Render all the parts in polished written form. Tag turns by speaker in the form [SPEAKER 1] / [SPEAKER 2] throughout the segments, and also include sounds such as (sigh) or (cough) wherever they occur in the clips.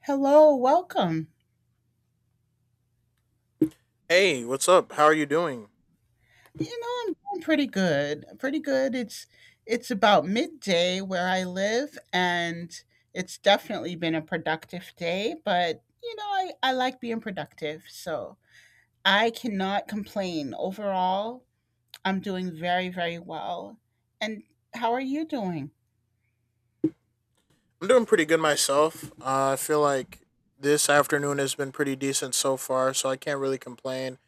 [SPEAKER 1] Hello, welcome.
[SPEAKER 2] Hey, what's up? How are you doing?
[SPEAKER 1] You know, I'm doing pretty good. Pretty good. It's about midday where I live, and it's definitely been a productive day, but you know, I like being productive, so I cannot complain. Overall, I'm doing very, very well. And how are you doing?
[SPEAKER 2] I'm doing pretty good myself. I feel like this afternoon has been pretty decent so far, so I can't really complain.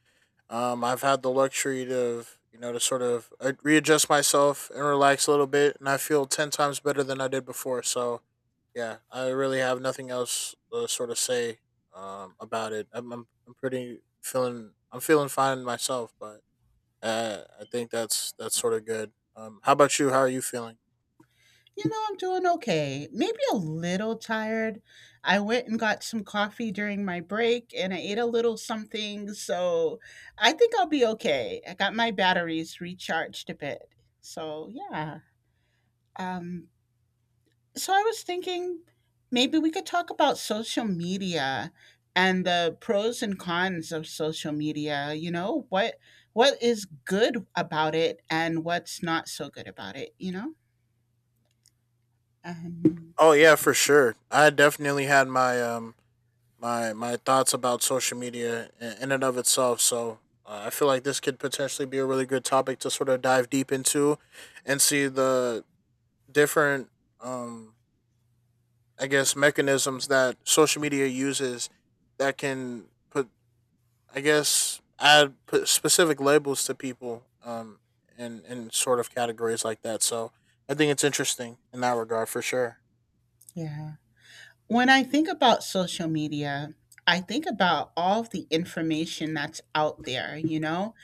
[SPEAKER 2] I've had the luxury to, to sort of readjust myself and relax a little bit, and I feel 10 times better than I did before. So, yeah, I really have nothing else to sort of say about it. I'm pretty feeling, I'm feeling fine myself, but I think that's sort of good. How about you? How are you feeling?
[SPEAKER 1] You know, I'm doing okay. Maybe a little tired. I went and got some coffee during my break and I ate a little something, so I think I'll be okay. I got my batteries recharged a bit. So, yeah. Um, so I was thinking maybe we could talk about social media and the pros and cons of social media. You know, what is good about it and what's not so good about it, you know? Um,
[SPEAKER 2] Oh yeah, for sure. I definitely had my thoughts about social media in and of itself. So I feel like this could potentially be a really good topic to sort of dive deep into, and see the different um I guess mechanisms that social media uses that can put I guess add put specific labels to people and sort of categories like that. So I think it's interesting in that regard for sure.
[SPEAKER 1] yeah. When I think about social media, I think about all of the information that's out there, you know?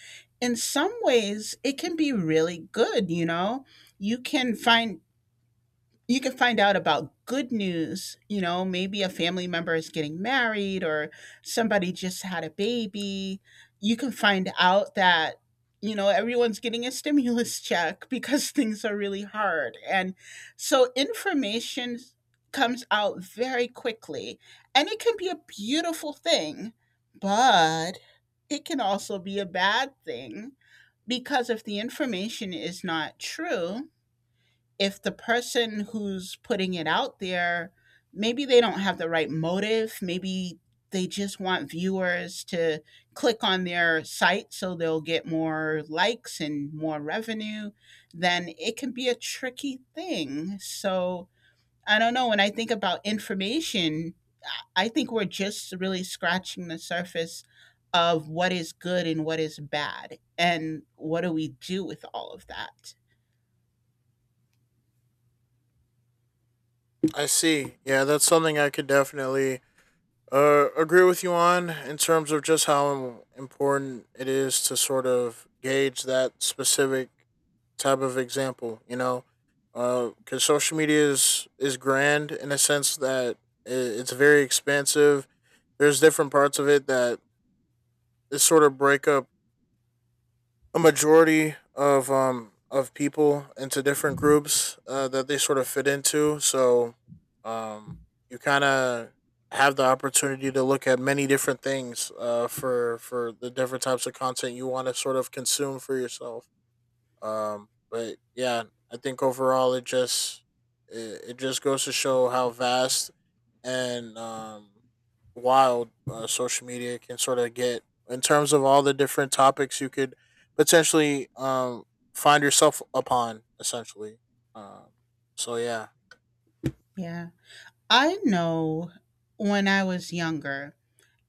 [SPEAKER 1] In some ways, it can be really good, you know? You can find you can find out about good news. You know, maybe a family member is getting married, or somebody just had a baby. You can find out that, you know, everyone's getting a stimulus check because (laughs) things are really hard. And so information comes out very quickly. And it can be a beautiful thing, but it can also be a bad thing, because if the information is not true, if the person who's putting it out there, maybe they don't have the right motive. Maybe they just want viewers to click on their site so they'll get more likes and more revenue, then it can be a tricky thing. So I don't know. When I think about information, I think we're just really scratching the surface of what is good and what is bad. And what do we do with all of that?
[SPEAKER 2] I see. Yeah, that's something I could definitely agree with you on in terms of just how important it is to sort of gauge that specific type of example, you know? Because social media is grand in a sense that it's very expansive. There's different parts of it that is sort of break up a majority of people into different groups that they sort of fit into. So um, you kind of have the opportunity to look at many different things for the different types of content you want to sort of consume for yourself. But yeah, I think overall it just goes to show how vast and wild social media can sort of get in terms of all the different topics you could potentially find yourself upon, essentially. Um, so
[SPEAKER 1] Yeah. I know when I was younger,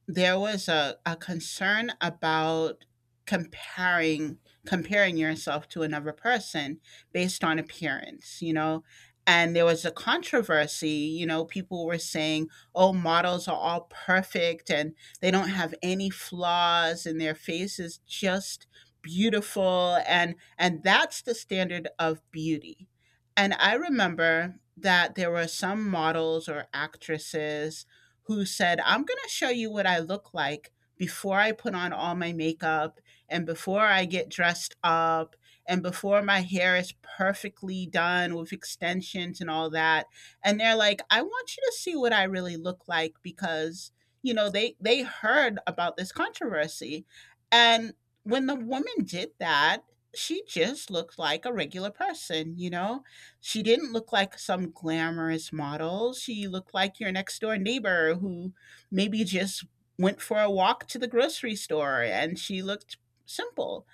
[SPEAKER 1] there was a concern about comparing comparing yourself to another person based on appearance, you know. And there was a controversy, you know. People were saying, oh, models are all perfect and they don't have any flaws, and their face is just beautiful, and that's the standard of beauty. And I remember that there were some models or actresses who said, I'm going to show you what I look like before I put on all my makeup, and before I get dressed up, and before my hair is perfectly done with extensions and all that. And they're like, I want you to see what I really look like because, you know, they heard about this controversy. And when the woman did that, she just looked like a regular person, you know? She didn't look like some glamorous model. She looked like your next door neighbor who maybe just went for a walk to the grocery store, and she looked simple.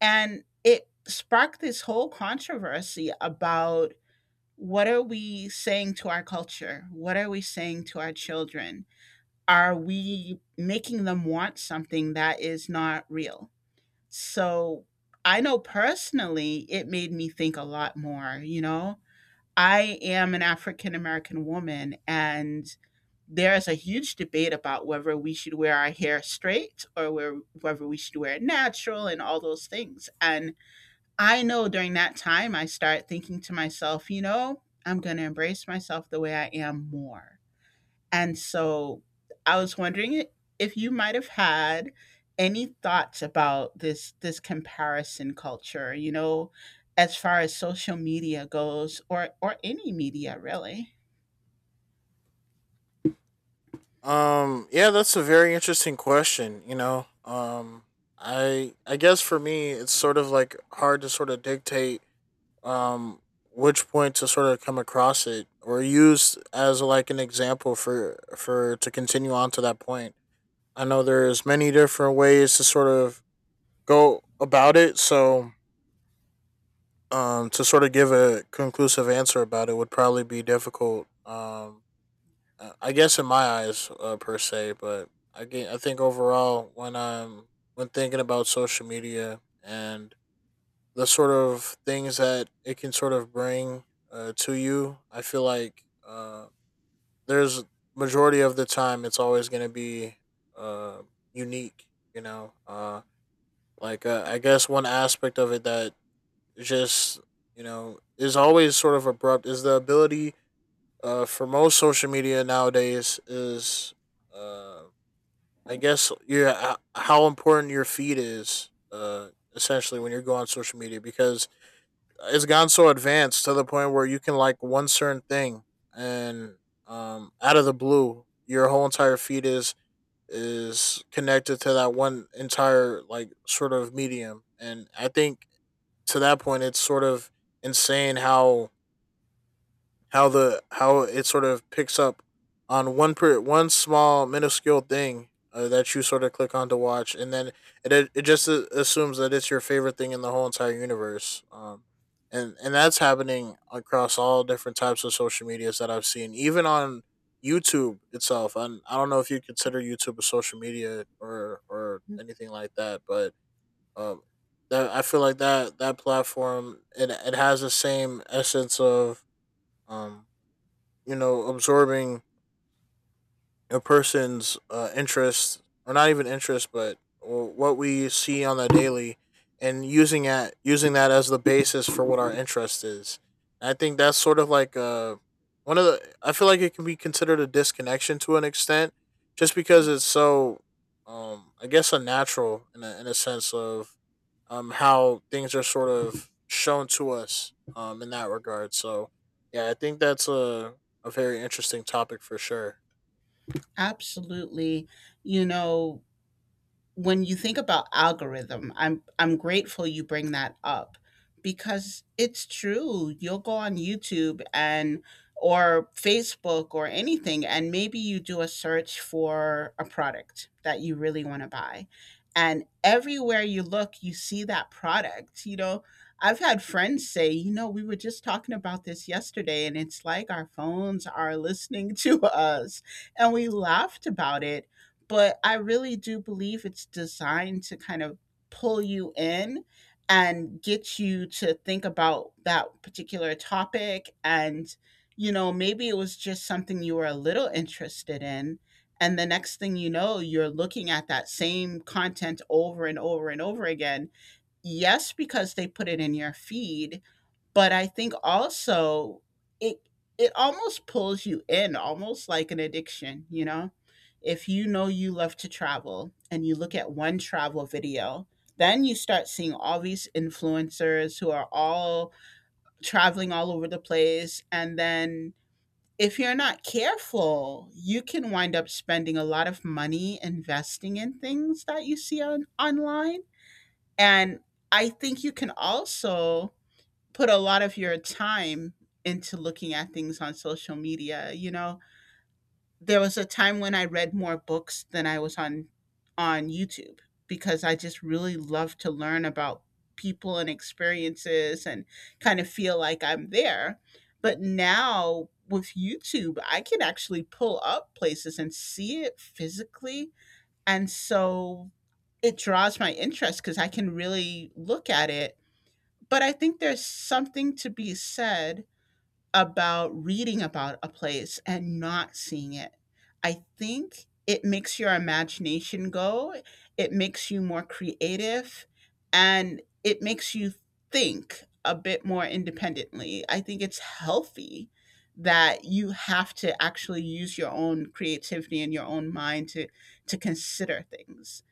[SPEAKER 1] And it sparked this whole controversy about, what are we saying to our culture? What are we saying to our children? Are we making them want something that is not real? So I know personally it made me think a lot more, you know? I am an African American woman, and there is a huge debate about whether we should wear our hair straight, or whether we should wear it natural, and all those things. And I know during that time, I start thinking to myself, you know, I'm going to embrace myself the way I am more. And so I was wondering if you might have had any thoughts about this comparison culture, you know, as far as social media goes, or any media really.
[SPEAKER 2] yeah, that's a very interesting question. You know, I guess for me, it's sort of like hard to sort of dictate um, which point to sort of come across it or use as like an example for to continue on to that point. I know there's many different ways to sort of go about it, so to sort of give a conclusive answer about it would probably be difficult. I guess in my eyes, per se, but I think overall when thinking about social media and the sort of things that it can sort of bring to you, I feel like there's majority of the time it's always going to be uh, unique. You know, Like I guess one aspect of it that just you know is always sort of abrupt is the ability for most social media nowadays is uh, I guess your how important your feed is essentially when you go on social media because it's gone so advanced to the point where you can like one certain thing and out of the blue your whole entire feed is connected to that one entire like sort of medium. And I think to that point, it's sort of insane how it sort of picks up on one per one small minuscule thing that you sort of click on to watch, and then it just assumes that it's your favorite thing in the whole entire universe. And that's happening across all different types of social medias that I've seen, even on YouTube itself. And I don't know if you consider YouTube a social media or anything like that, but um, that I feel like that platform it has the same essence of um you know absorbing a person's interest or not even interest but what we see on the daily and using that as the basis for what our interest is. And I think that's sort of like a one of the I feel like it can be considered a disconnection to an extent just because it's so I guess unnatural in a sense of how things are sort of shown to us in that regard. So yeah, I think that's a very interesting topic for sure.
[SPEAKER 1] Absolutely. You know, when you think about algorithm, I'm grateful you bring that up, because it's true. You'll go on YouTube and or Facebook or anything, and maybe you do a search for a product that you really want to buy. And everywhere you look, you see that product. You know, I've had friends say, you know, we were just talking about this yesterday, and it's like our phones are listening (laughs) to us. And we laughed about it, but I really do believe it's designed to kind of pull you in and get you to think about that particular topic. And, you know, maybe it was just something you were a little interested in. And the next thing you know, you're looking at that same content over and over and over again. Yes, because they put it in your feed, but I think also it it almost pulls you in, almost like an addiction, you know? If you know you love to travel, and you look at one travel video, then you start seeing all these influencers who are all traveling all over the place. And then if you're not careful, you can wind up spending a lot of money investing in things that you see on online. And I think you can also put a lot of your time into looking at things on social media, you know? There was a time when I read more books than I was on YouTube, because I just really love to learn about people and experiences and kind of feel like I'm there. But now with YouTube, I can actually pull up places and see it physically. And so it draws my interest because I can really look at it, but I think there's something to be said about reading about a place and not seeing it. I think it makes your imagination go, it makes you more creative, and it makes you think a bit more independently. I think it's healthy that you have to actually use your own creativity and your own mind to consider things.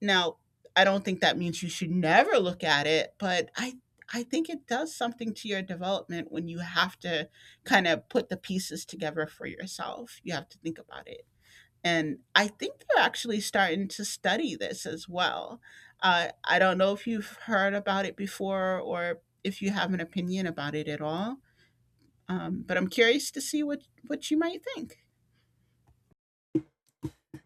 [SPEAKER 1] Now, I don't think that means you should never look at it, but I think it does something to your development when you have to kind of put the pieces together for yourself. You have to think about it. And I think they're actually starting to study this as well. I don't know if you've heard about it before, or if you have an opinion about it at all, but I'm curious to see what you might think.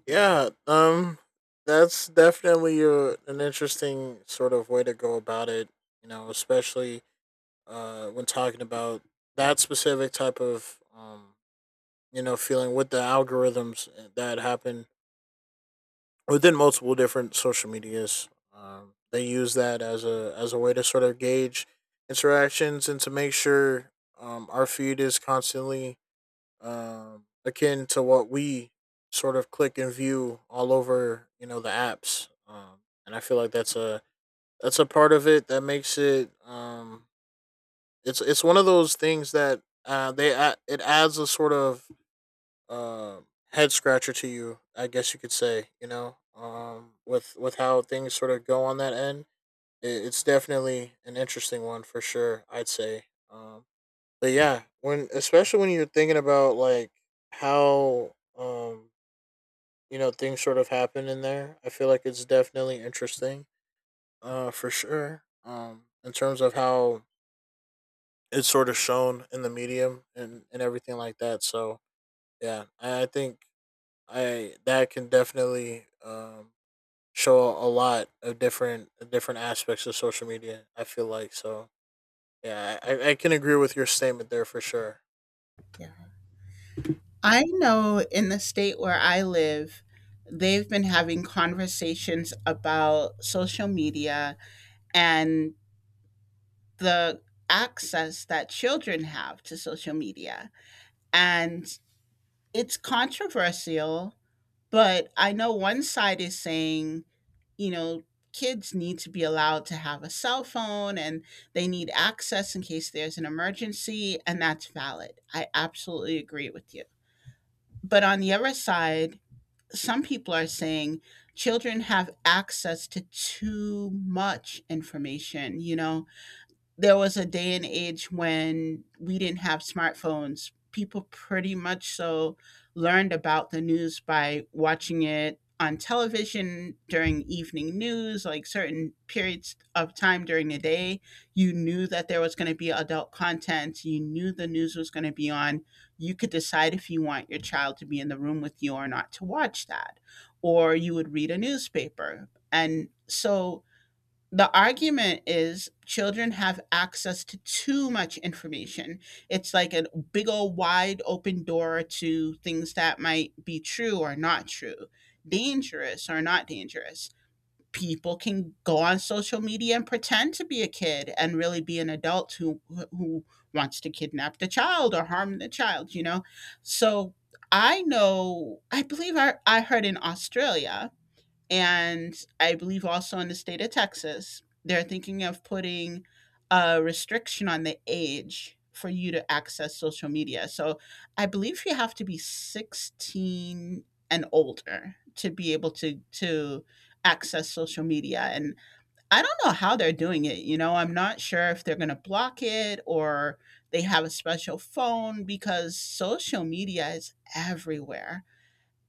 [SPEAKER 2] Yeah, that's definitely an interesting sort of way to go about it. You know, especially when talking about that specific type of you know, feeling with the algorithms that happen within multiple different social medias. They use that as a way to sort of gauge interactions and to make sure our feed is constantly akin to what we sort of click and view all over, you know, the apps. And I feel like that's a part of it that makes it. It's one of those things that it adds a sort of uh, head scratcher to you, I guess you could say. You know, with how things sort of go on that end, it's definitely an interesting one for sure, I'd say. Um, but yeah, when especially when you're thinking about like how you know things sort of happen in there, I feel like it's definitely interesting. For sure. In terms of how it's sort of shown in the medium and everything like that. So yeah, I think I that can definitely show a lot of different aspects of social media, I feel like. So yeah, I can agree with your statement there for sure.
[SPEAKER 1] Yeah. I know in the state where I live, they've been having conversations about social media and the access that children have to social media. And it's controversial, but I know one side is saying, you know, kids need to be allowed to have a cell phone, and they need access in case there's an emergency, and that's valid. I absolutely agree with you. But on the other side, some people are saying children have access to too much information. You know, there was a day and age when we didn't have smartphones. People pretty much so learned about the news by watching it on television during evening news, like certain periods of time during the day. You knew that there was going to be adult content. You knew the news was going to be on. You could decide if you want your child to be in the room with you or not to watch that. Or you would read a newspaper. And so the argument is children have access to too much information. It's like a big old wide open door to things that might be true or not true, dangerous or not dangerous. People can go on social media and pretend to be a kid, and really be an adult who wants to kidnap the child or harm the child, you know. So I know, I believe I heard in Australia, and I believe also in the state of Texas, they're thinking of putting a restriction on the age for you to access social media. So I believe you have to be 16 and older to be able to access social media. And I don't know how they're doing it, you know. I'm not sure if they're going to block it, or they have a special phone, because social media is everywhere.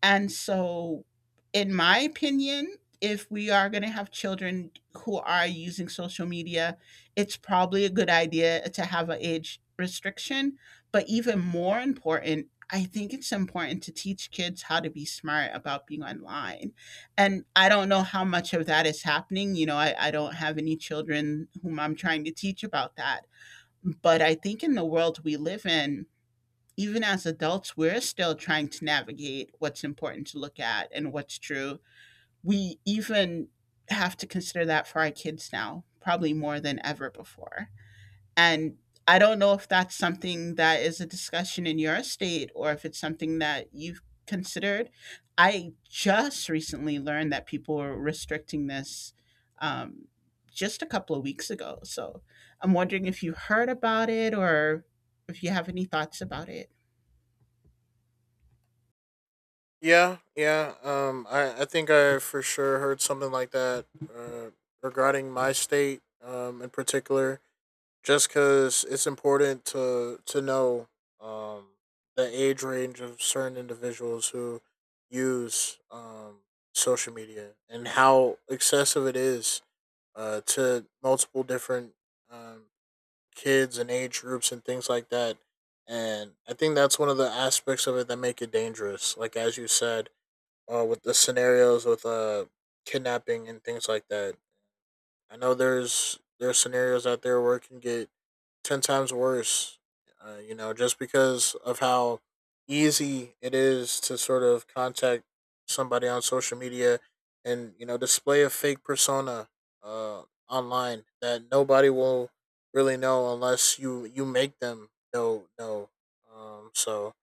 [SPEAKER 1] And so, in my opinion, if we are going to have children who are using social media, it's probably a good idea to have an age restriction. But even more important, I think it's important to teach kids how to be smart about being online. And I don't know how much of that is happening. You know, I don't have any children whom I'm trying to teach about that. But I think in the world we live in, even as adults, we're still trying to navigate what's important to look at and what's true. We even have to consider that for our kids now, probably more than ever before. And I don't know if that's something that is a discussion in your state, or if it's something that you've considered. I just recently learned that people were restricting this um, just a couple of weeks ago. So I'm wondering if you heard about it or if you have any thoughts about it.
[SPEAKER 2] Yeah, yeah. I think I for sure heard something like that uh, regarding my state in particular, just because it's important to know um, the age range of certain individuals who use social media and how excessive it is to multiple different um, kids and age groups and things like that. And I think that's one of the aspects of it that make it dangerous. Like, as you said, with the scenarios with kidnapping and things like that. I know there's scenarios out there where it can get 10 times worse. You know, just because of how easy it is to sort of contact somebody on social media and you know display a fake persona uh, online that nobody will really know unless you make them know. So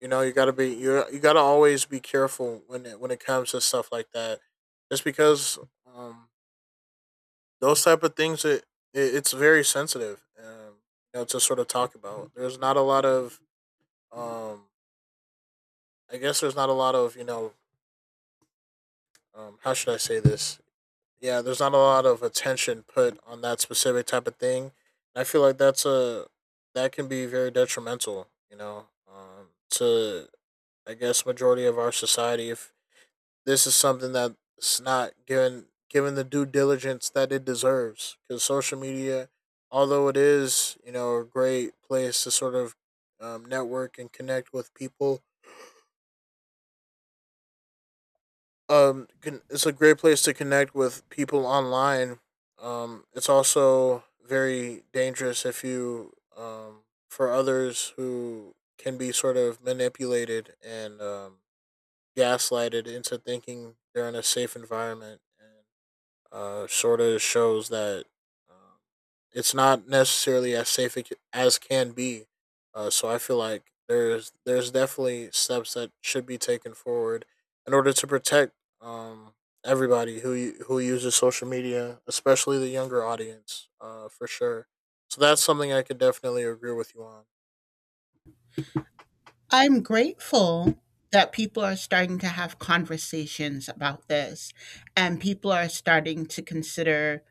[SPEAKER 2] you know, you gotta be you gotta always be careful when it comes to stuff like that, just because um, those type of things it it's very sensitive. You know, to sort of talk about. There's not a lot of um, I guess there's not a lot of you know how should I say this? Yeah, there's not a lot of attention put on that specific type of thing. I feel like that's a that can be very detrimental. You know, to I guess majority of our society if this is something that's not given the due diligence that it deserves. Because social media, although it is you know a great place to sort of network and connect with people, it's a great place to connect with people online. It's also very dangerous if you for others who can be sort of manipulated and gaslighted into thinking they're in a safe environment and sort of shows that um, it's not necessarily as safe as can be. So I feel like there's definitely steps that should be taken forward in order to protect um, everybody who uses social media, especially the younger audience, for sure. So that's something I could definitely agree with you on.
[SPEAKER 1] I'm grateful that people are starting to have conversations about this and people are starting to consider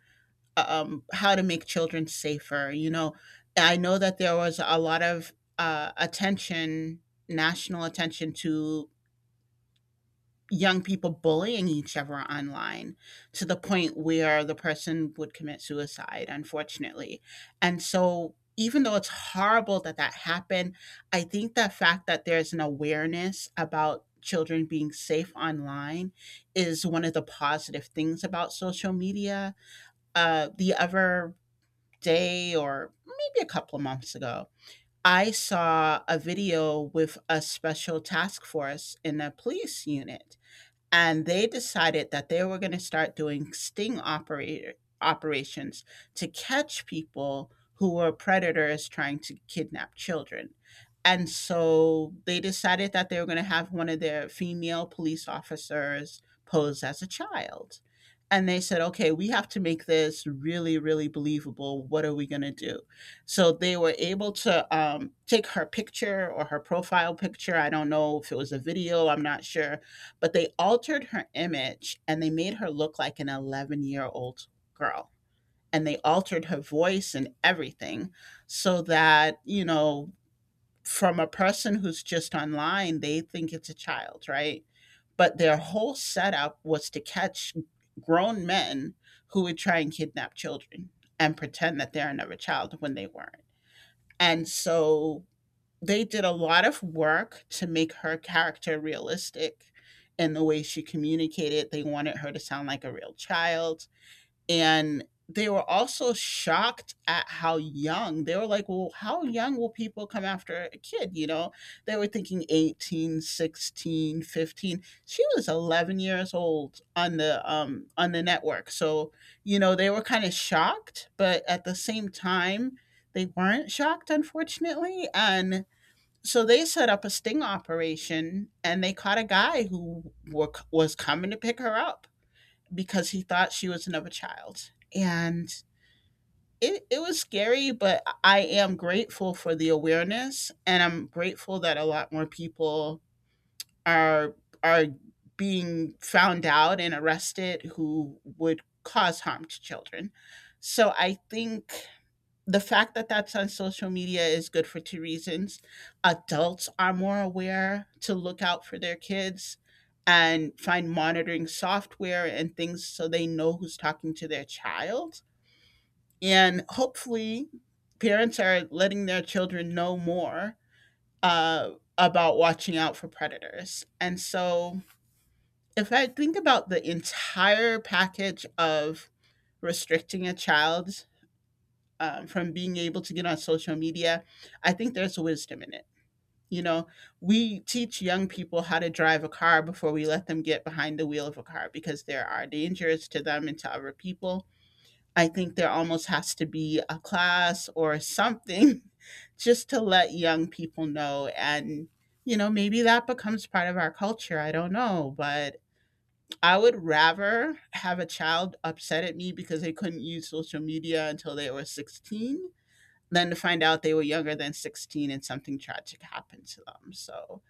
[SPEAKER 1] how to make children safer. You know, I know that there was a lot of attention, national attention to young people bullying each other online to the point where the person would commit suicide, unfortunately. And so, even though it's horrible that that happened, I think the fact that there's an awareness about children being safe online is one of the positive things about social media. The other day, or maybe a couple of months ago, I saw a video with a special task force in a police unit, and they decided that they were going to start doing sting operator operations to catch people who were predators trying to kidnap children. And so they decided that they were going to have one of their female police officers pose as a child. And they said, okay, we have to make this really, really believable. What are we going to do? So they were able to take her picture, or her profile picture. I don't know if it was a video, I'm not sure, but they altered her image and they made her look like an 11-year-old girl. And they altered her voice and everything so that, you know, from a person who's just online, they think it's a child, right? But their whole setup was to catch grown men who would try and kidnap children and pretend that they're another child when they weren't. And so they did a lot of work to make her character realistic in the way she communicated. They wanted her to sound like a real child. And they were also shocked at how young they were, like, well, how young will people come after a kid? You know, they were thinking 18, 16, 15. She was 11 years old on the network. So, you know, they were kind of shocked, but at the same time, they weren't shocked, unfortunately, and so they set up a sting operation and they caught a guy who was coming to pick her up because he thought she was another child. And it was scary, but I am grateful for the awareness, and I'm grateful that a lot more people are are being found out and arrested who would cause harm to children. So I think the fact that that's on social media is good for two reasons. Adults are more aware to look out for their kids and find monitoring software and things so they know who's talking to their child. And hopefully, parents are letting their children know more uh, about watching out for predators. And so, if I think about the entire package of restricting a child from being able to get on social media, I think there's wisdom in it. You know, we teach young people how to drive a car before we let them get behind the wheel of a car because there are dangers to them and to other people. I think there almost has to be a class or something (laughs) just to let young people know. And, you know, maybe that becomes part of our culture. I don't know. But I would rather have a child upset at me because they couldn't use social media until they were 16 then to find out they were younger than 16 and something tragic happened to them. So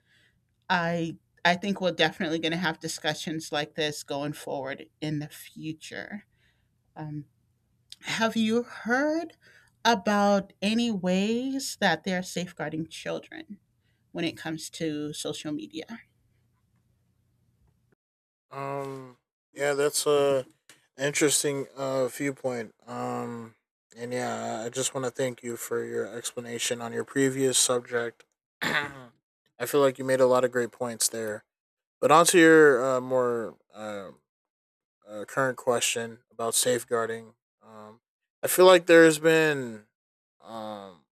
[SPEAKER 1] I I think we're definitely going to have discussions like this going forward in the future. Um, have you heard about any ways that they're safeguarding children when it comes to social media?
[SPEAKER 2] Um, yeah, that's a interesting viewpoint. And yeah, I just want to thank you for your explanation on your previous subject. (clears throat) I feel like you made a lot of great points there. But onto your more current question about safeguarding. Um, I feel like there's been um,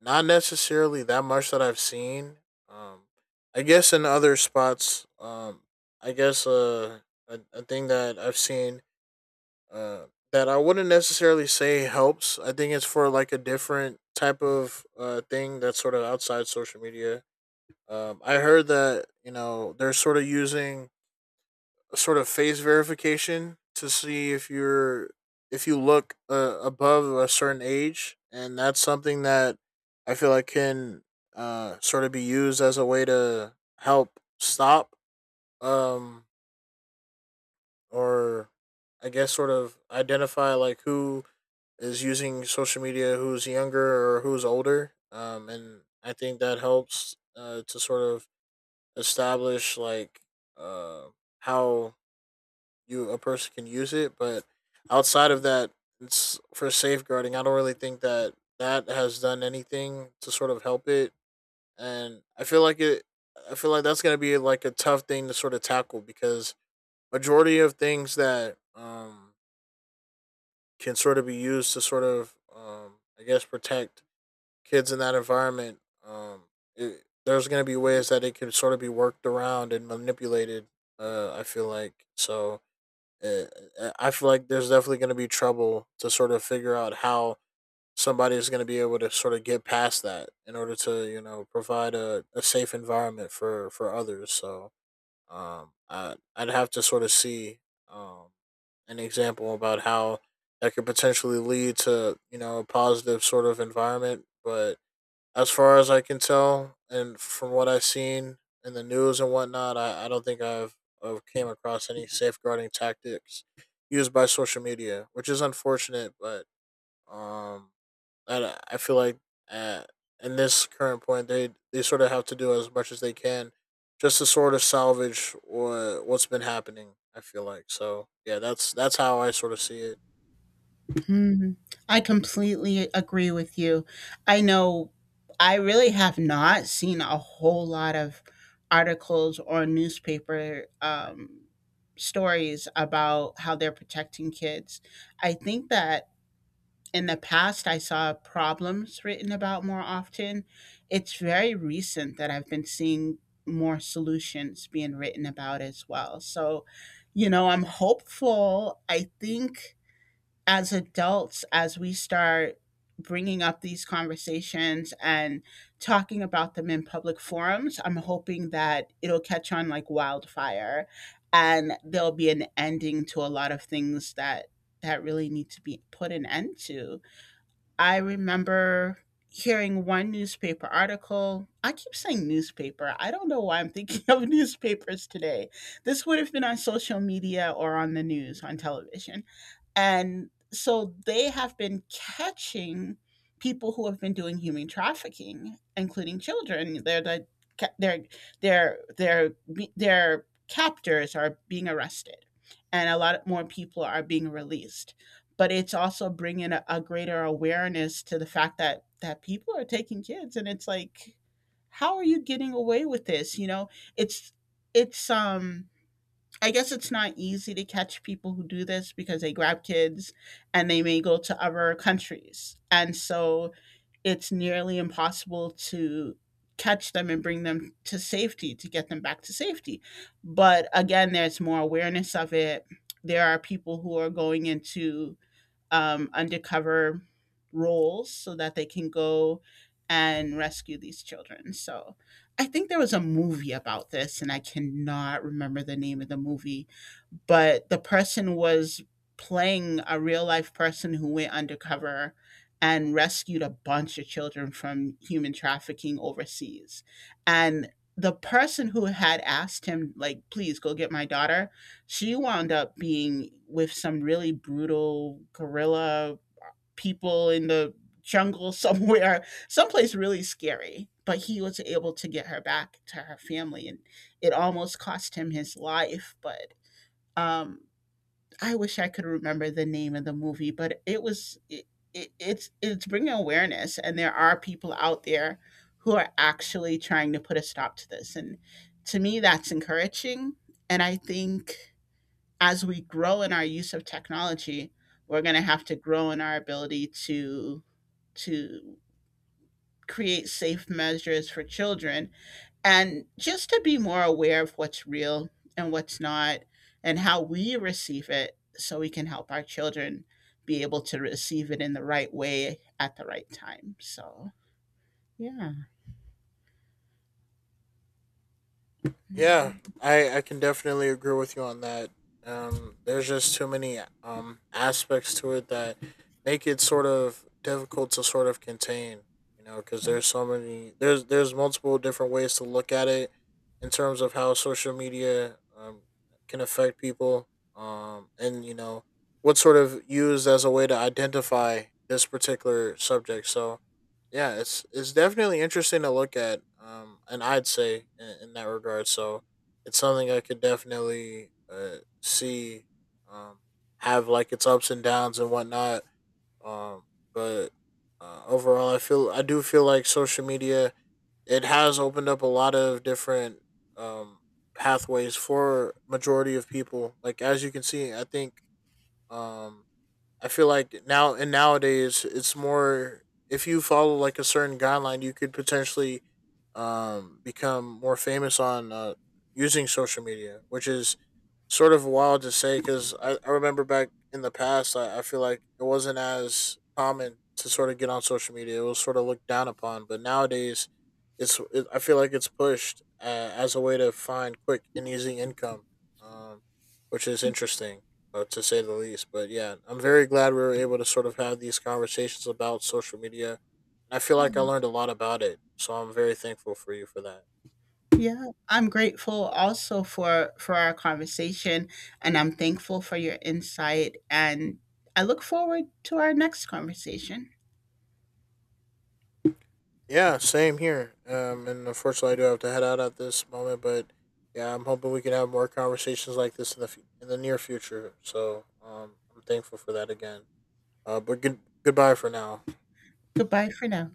[SPEAKER 2] not necessarily that much that I've seen. Um, I guess in other spots, I guess a thing that I've seen uh, that I wouldn't necessarily say helps. I think it's for like a different type of thing that's sort of outside social media. I heard that you know they're sort of using a sort of face verification to see if you're if you look above a certain age, and that's something that I feel like can sort of be used as a way to help stop um, or I guess sort of identify like who is using social media, who's younger or who's older, and I think that helps to sort of establish like uh, how you a person can use it, but outside of that, it's for safeguarding. I don't really think that that has done anything to sort of help it, and I feel like it. I feel like that's gonna be like a tough thing to sort of tackle because majority of things that can sort of be used to sort of I guess protect kids in that environment um there's going to be ways that it can sort of be worked around and manipulated I feel like so uh, I feel like there's definitely going to be trouble to sort of figure out how somebody is going to be able to sort of get past that in order to you know provide a safe environment for others. So I'd have to sort of see um, an example about how that could potentially lead to you know a positive sort of environment, but as far as I can tell, and from what I've seen in the news and whatnot, I don't think I've came across any safeguarding tactics used by social media, which is unfortunate. But um, I feel like at, in this current point, they sort of have to do as much as they can just to sort of salvage what's been happening. I feel like so. Yeah, that's how I sort of see it.
[SPEAKER 1] Mm, I completely agree with you. I know I really have not seen a whole lot of articles or newspaper stories about how they're protecting kids. I think that in the past I saw problems written about more often. It's very recent that I've been seeing more solutions being written about as well. So, you know, I'm hopeful. I think as adults, as we start bringing up these conversations and talking about them in public forums, I'm hoping that it'll catch on like wildfire and there'll be an ending to a lot of things that that really need to be put an end to. I remember hearing one newspaper article. I keep saying newspaper. I don't know why I'm thinking (laughs) of newspapers today. This would have been on social media, or on the news, on television. And so they have been catching people who have been doing human trafficking, including children. They're the ca- they're they be- their captors are being arrested, and a lot more people are being released, but it's also bringing a greater awareness to the fact that people are taking kids. And it's like, how are you getting away with this? You know, it's it's I guess it's not easy to catch people who do this because they grab kids, and they may go to other countries, and so it's nearly impossible to catch them and bring them to safety, to get them back to safety. But again, there's more awareness of it. There are people who are going into undercover roles so that they can go and rescue these children. So I think there was a movie about this, and I cannot remember the name of the movie, but the person was playing a real life person who went undercover and rescued a bunch of children from human trafficking overseas. And the person who had asked him, like, please go get my daughter, she wound up being with some really brutal guerrilla people in the jungle (laughs) somewhere, someplace really scary. But he was able to get her back to her family, and it almost cost him his life. But um, I wish I could remember the name of the movie, but it was it, it, it's bringing awareness, and there are people out there who are actually trying to put a stop to this, and to me, that's encouraging. And I think as we grow in our use of technology, we're going to have to grow in our ability to create safe measures for children, and just to be more aware of what's real and what's not and how we receive it so we can help our children be able to receive it in the right way at the right time. So, yeah.
[SPEAKER 2] Yeah,
[SPEAKER 1] Mm-hmm.
[SPEAKER 2] I can definitely agree with you on that. There's just too many aspects to it that make it sort of difficult to sort of contain. You know, because there's so many there's multiple different ways to look at it in terms of how social media can affect people. And you know what's sort of used as a way to identify this particular subject. So yeah, it's definitely interesting to look at, and I'd say in that regard. So it's something I could definitely see um, have like its ups and downs and whatnot. Um, but overall, I do feel like social media it has opened up a lot of different um, pathways for majority of people. Like as you can see, I think um, I feel like now and nowadays it's more if you follow like a certain guideline, you could potentially become more famous on using social media, which is sort of wild to say because I remember back in the past, I feel like it wasn't as common to sort of get on social media. It was sort of looked down upon. But nowadays, I feel like it's pushed as a way to find quick and easy income, um, which is interesting to say the least. But yeah, I'm very glad we were able to sort of have these conversations about social media. And I feel like I
[SPEAKER 1] Yeah.
[SPEAKER 2] learned a lot about it. So I'm very thankful for you for that.
[SPEAKER 1] Yeah, I'm grateful also for our conversation, and I'm thankful for your insight, and I look forward to our next conversation.
[SPEAKER 2] Yeah, same here. And unfortunately, I do have to head out at this moment. But yeah, I'm hoping we can have more conversations like this in the in the near future. So I'm thankful for that again. But goodbye for now.
[SPEAKER 1] Goodbye for now.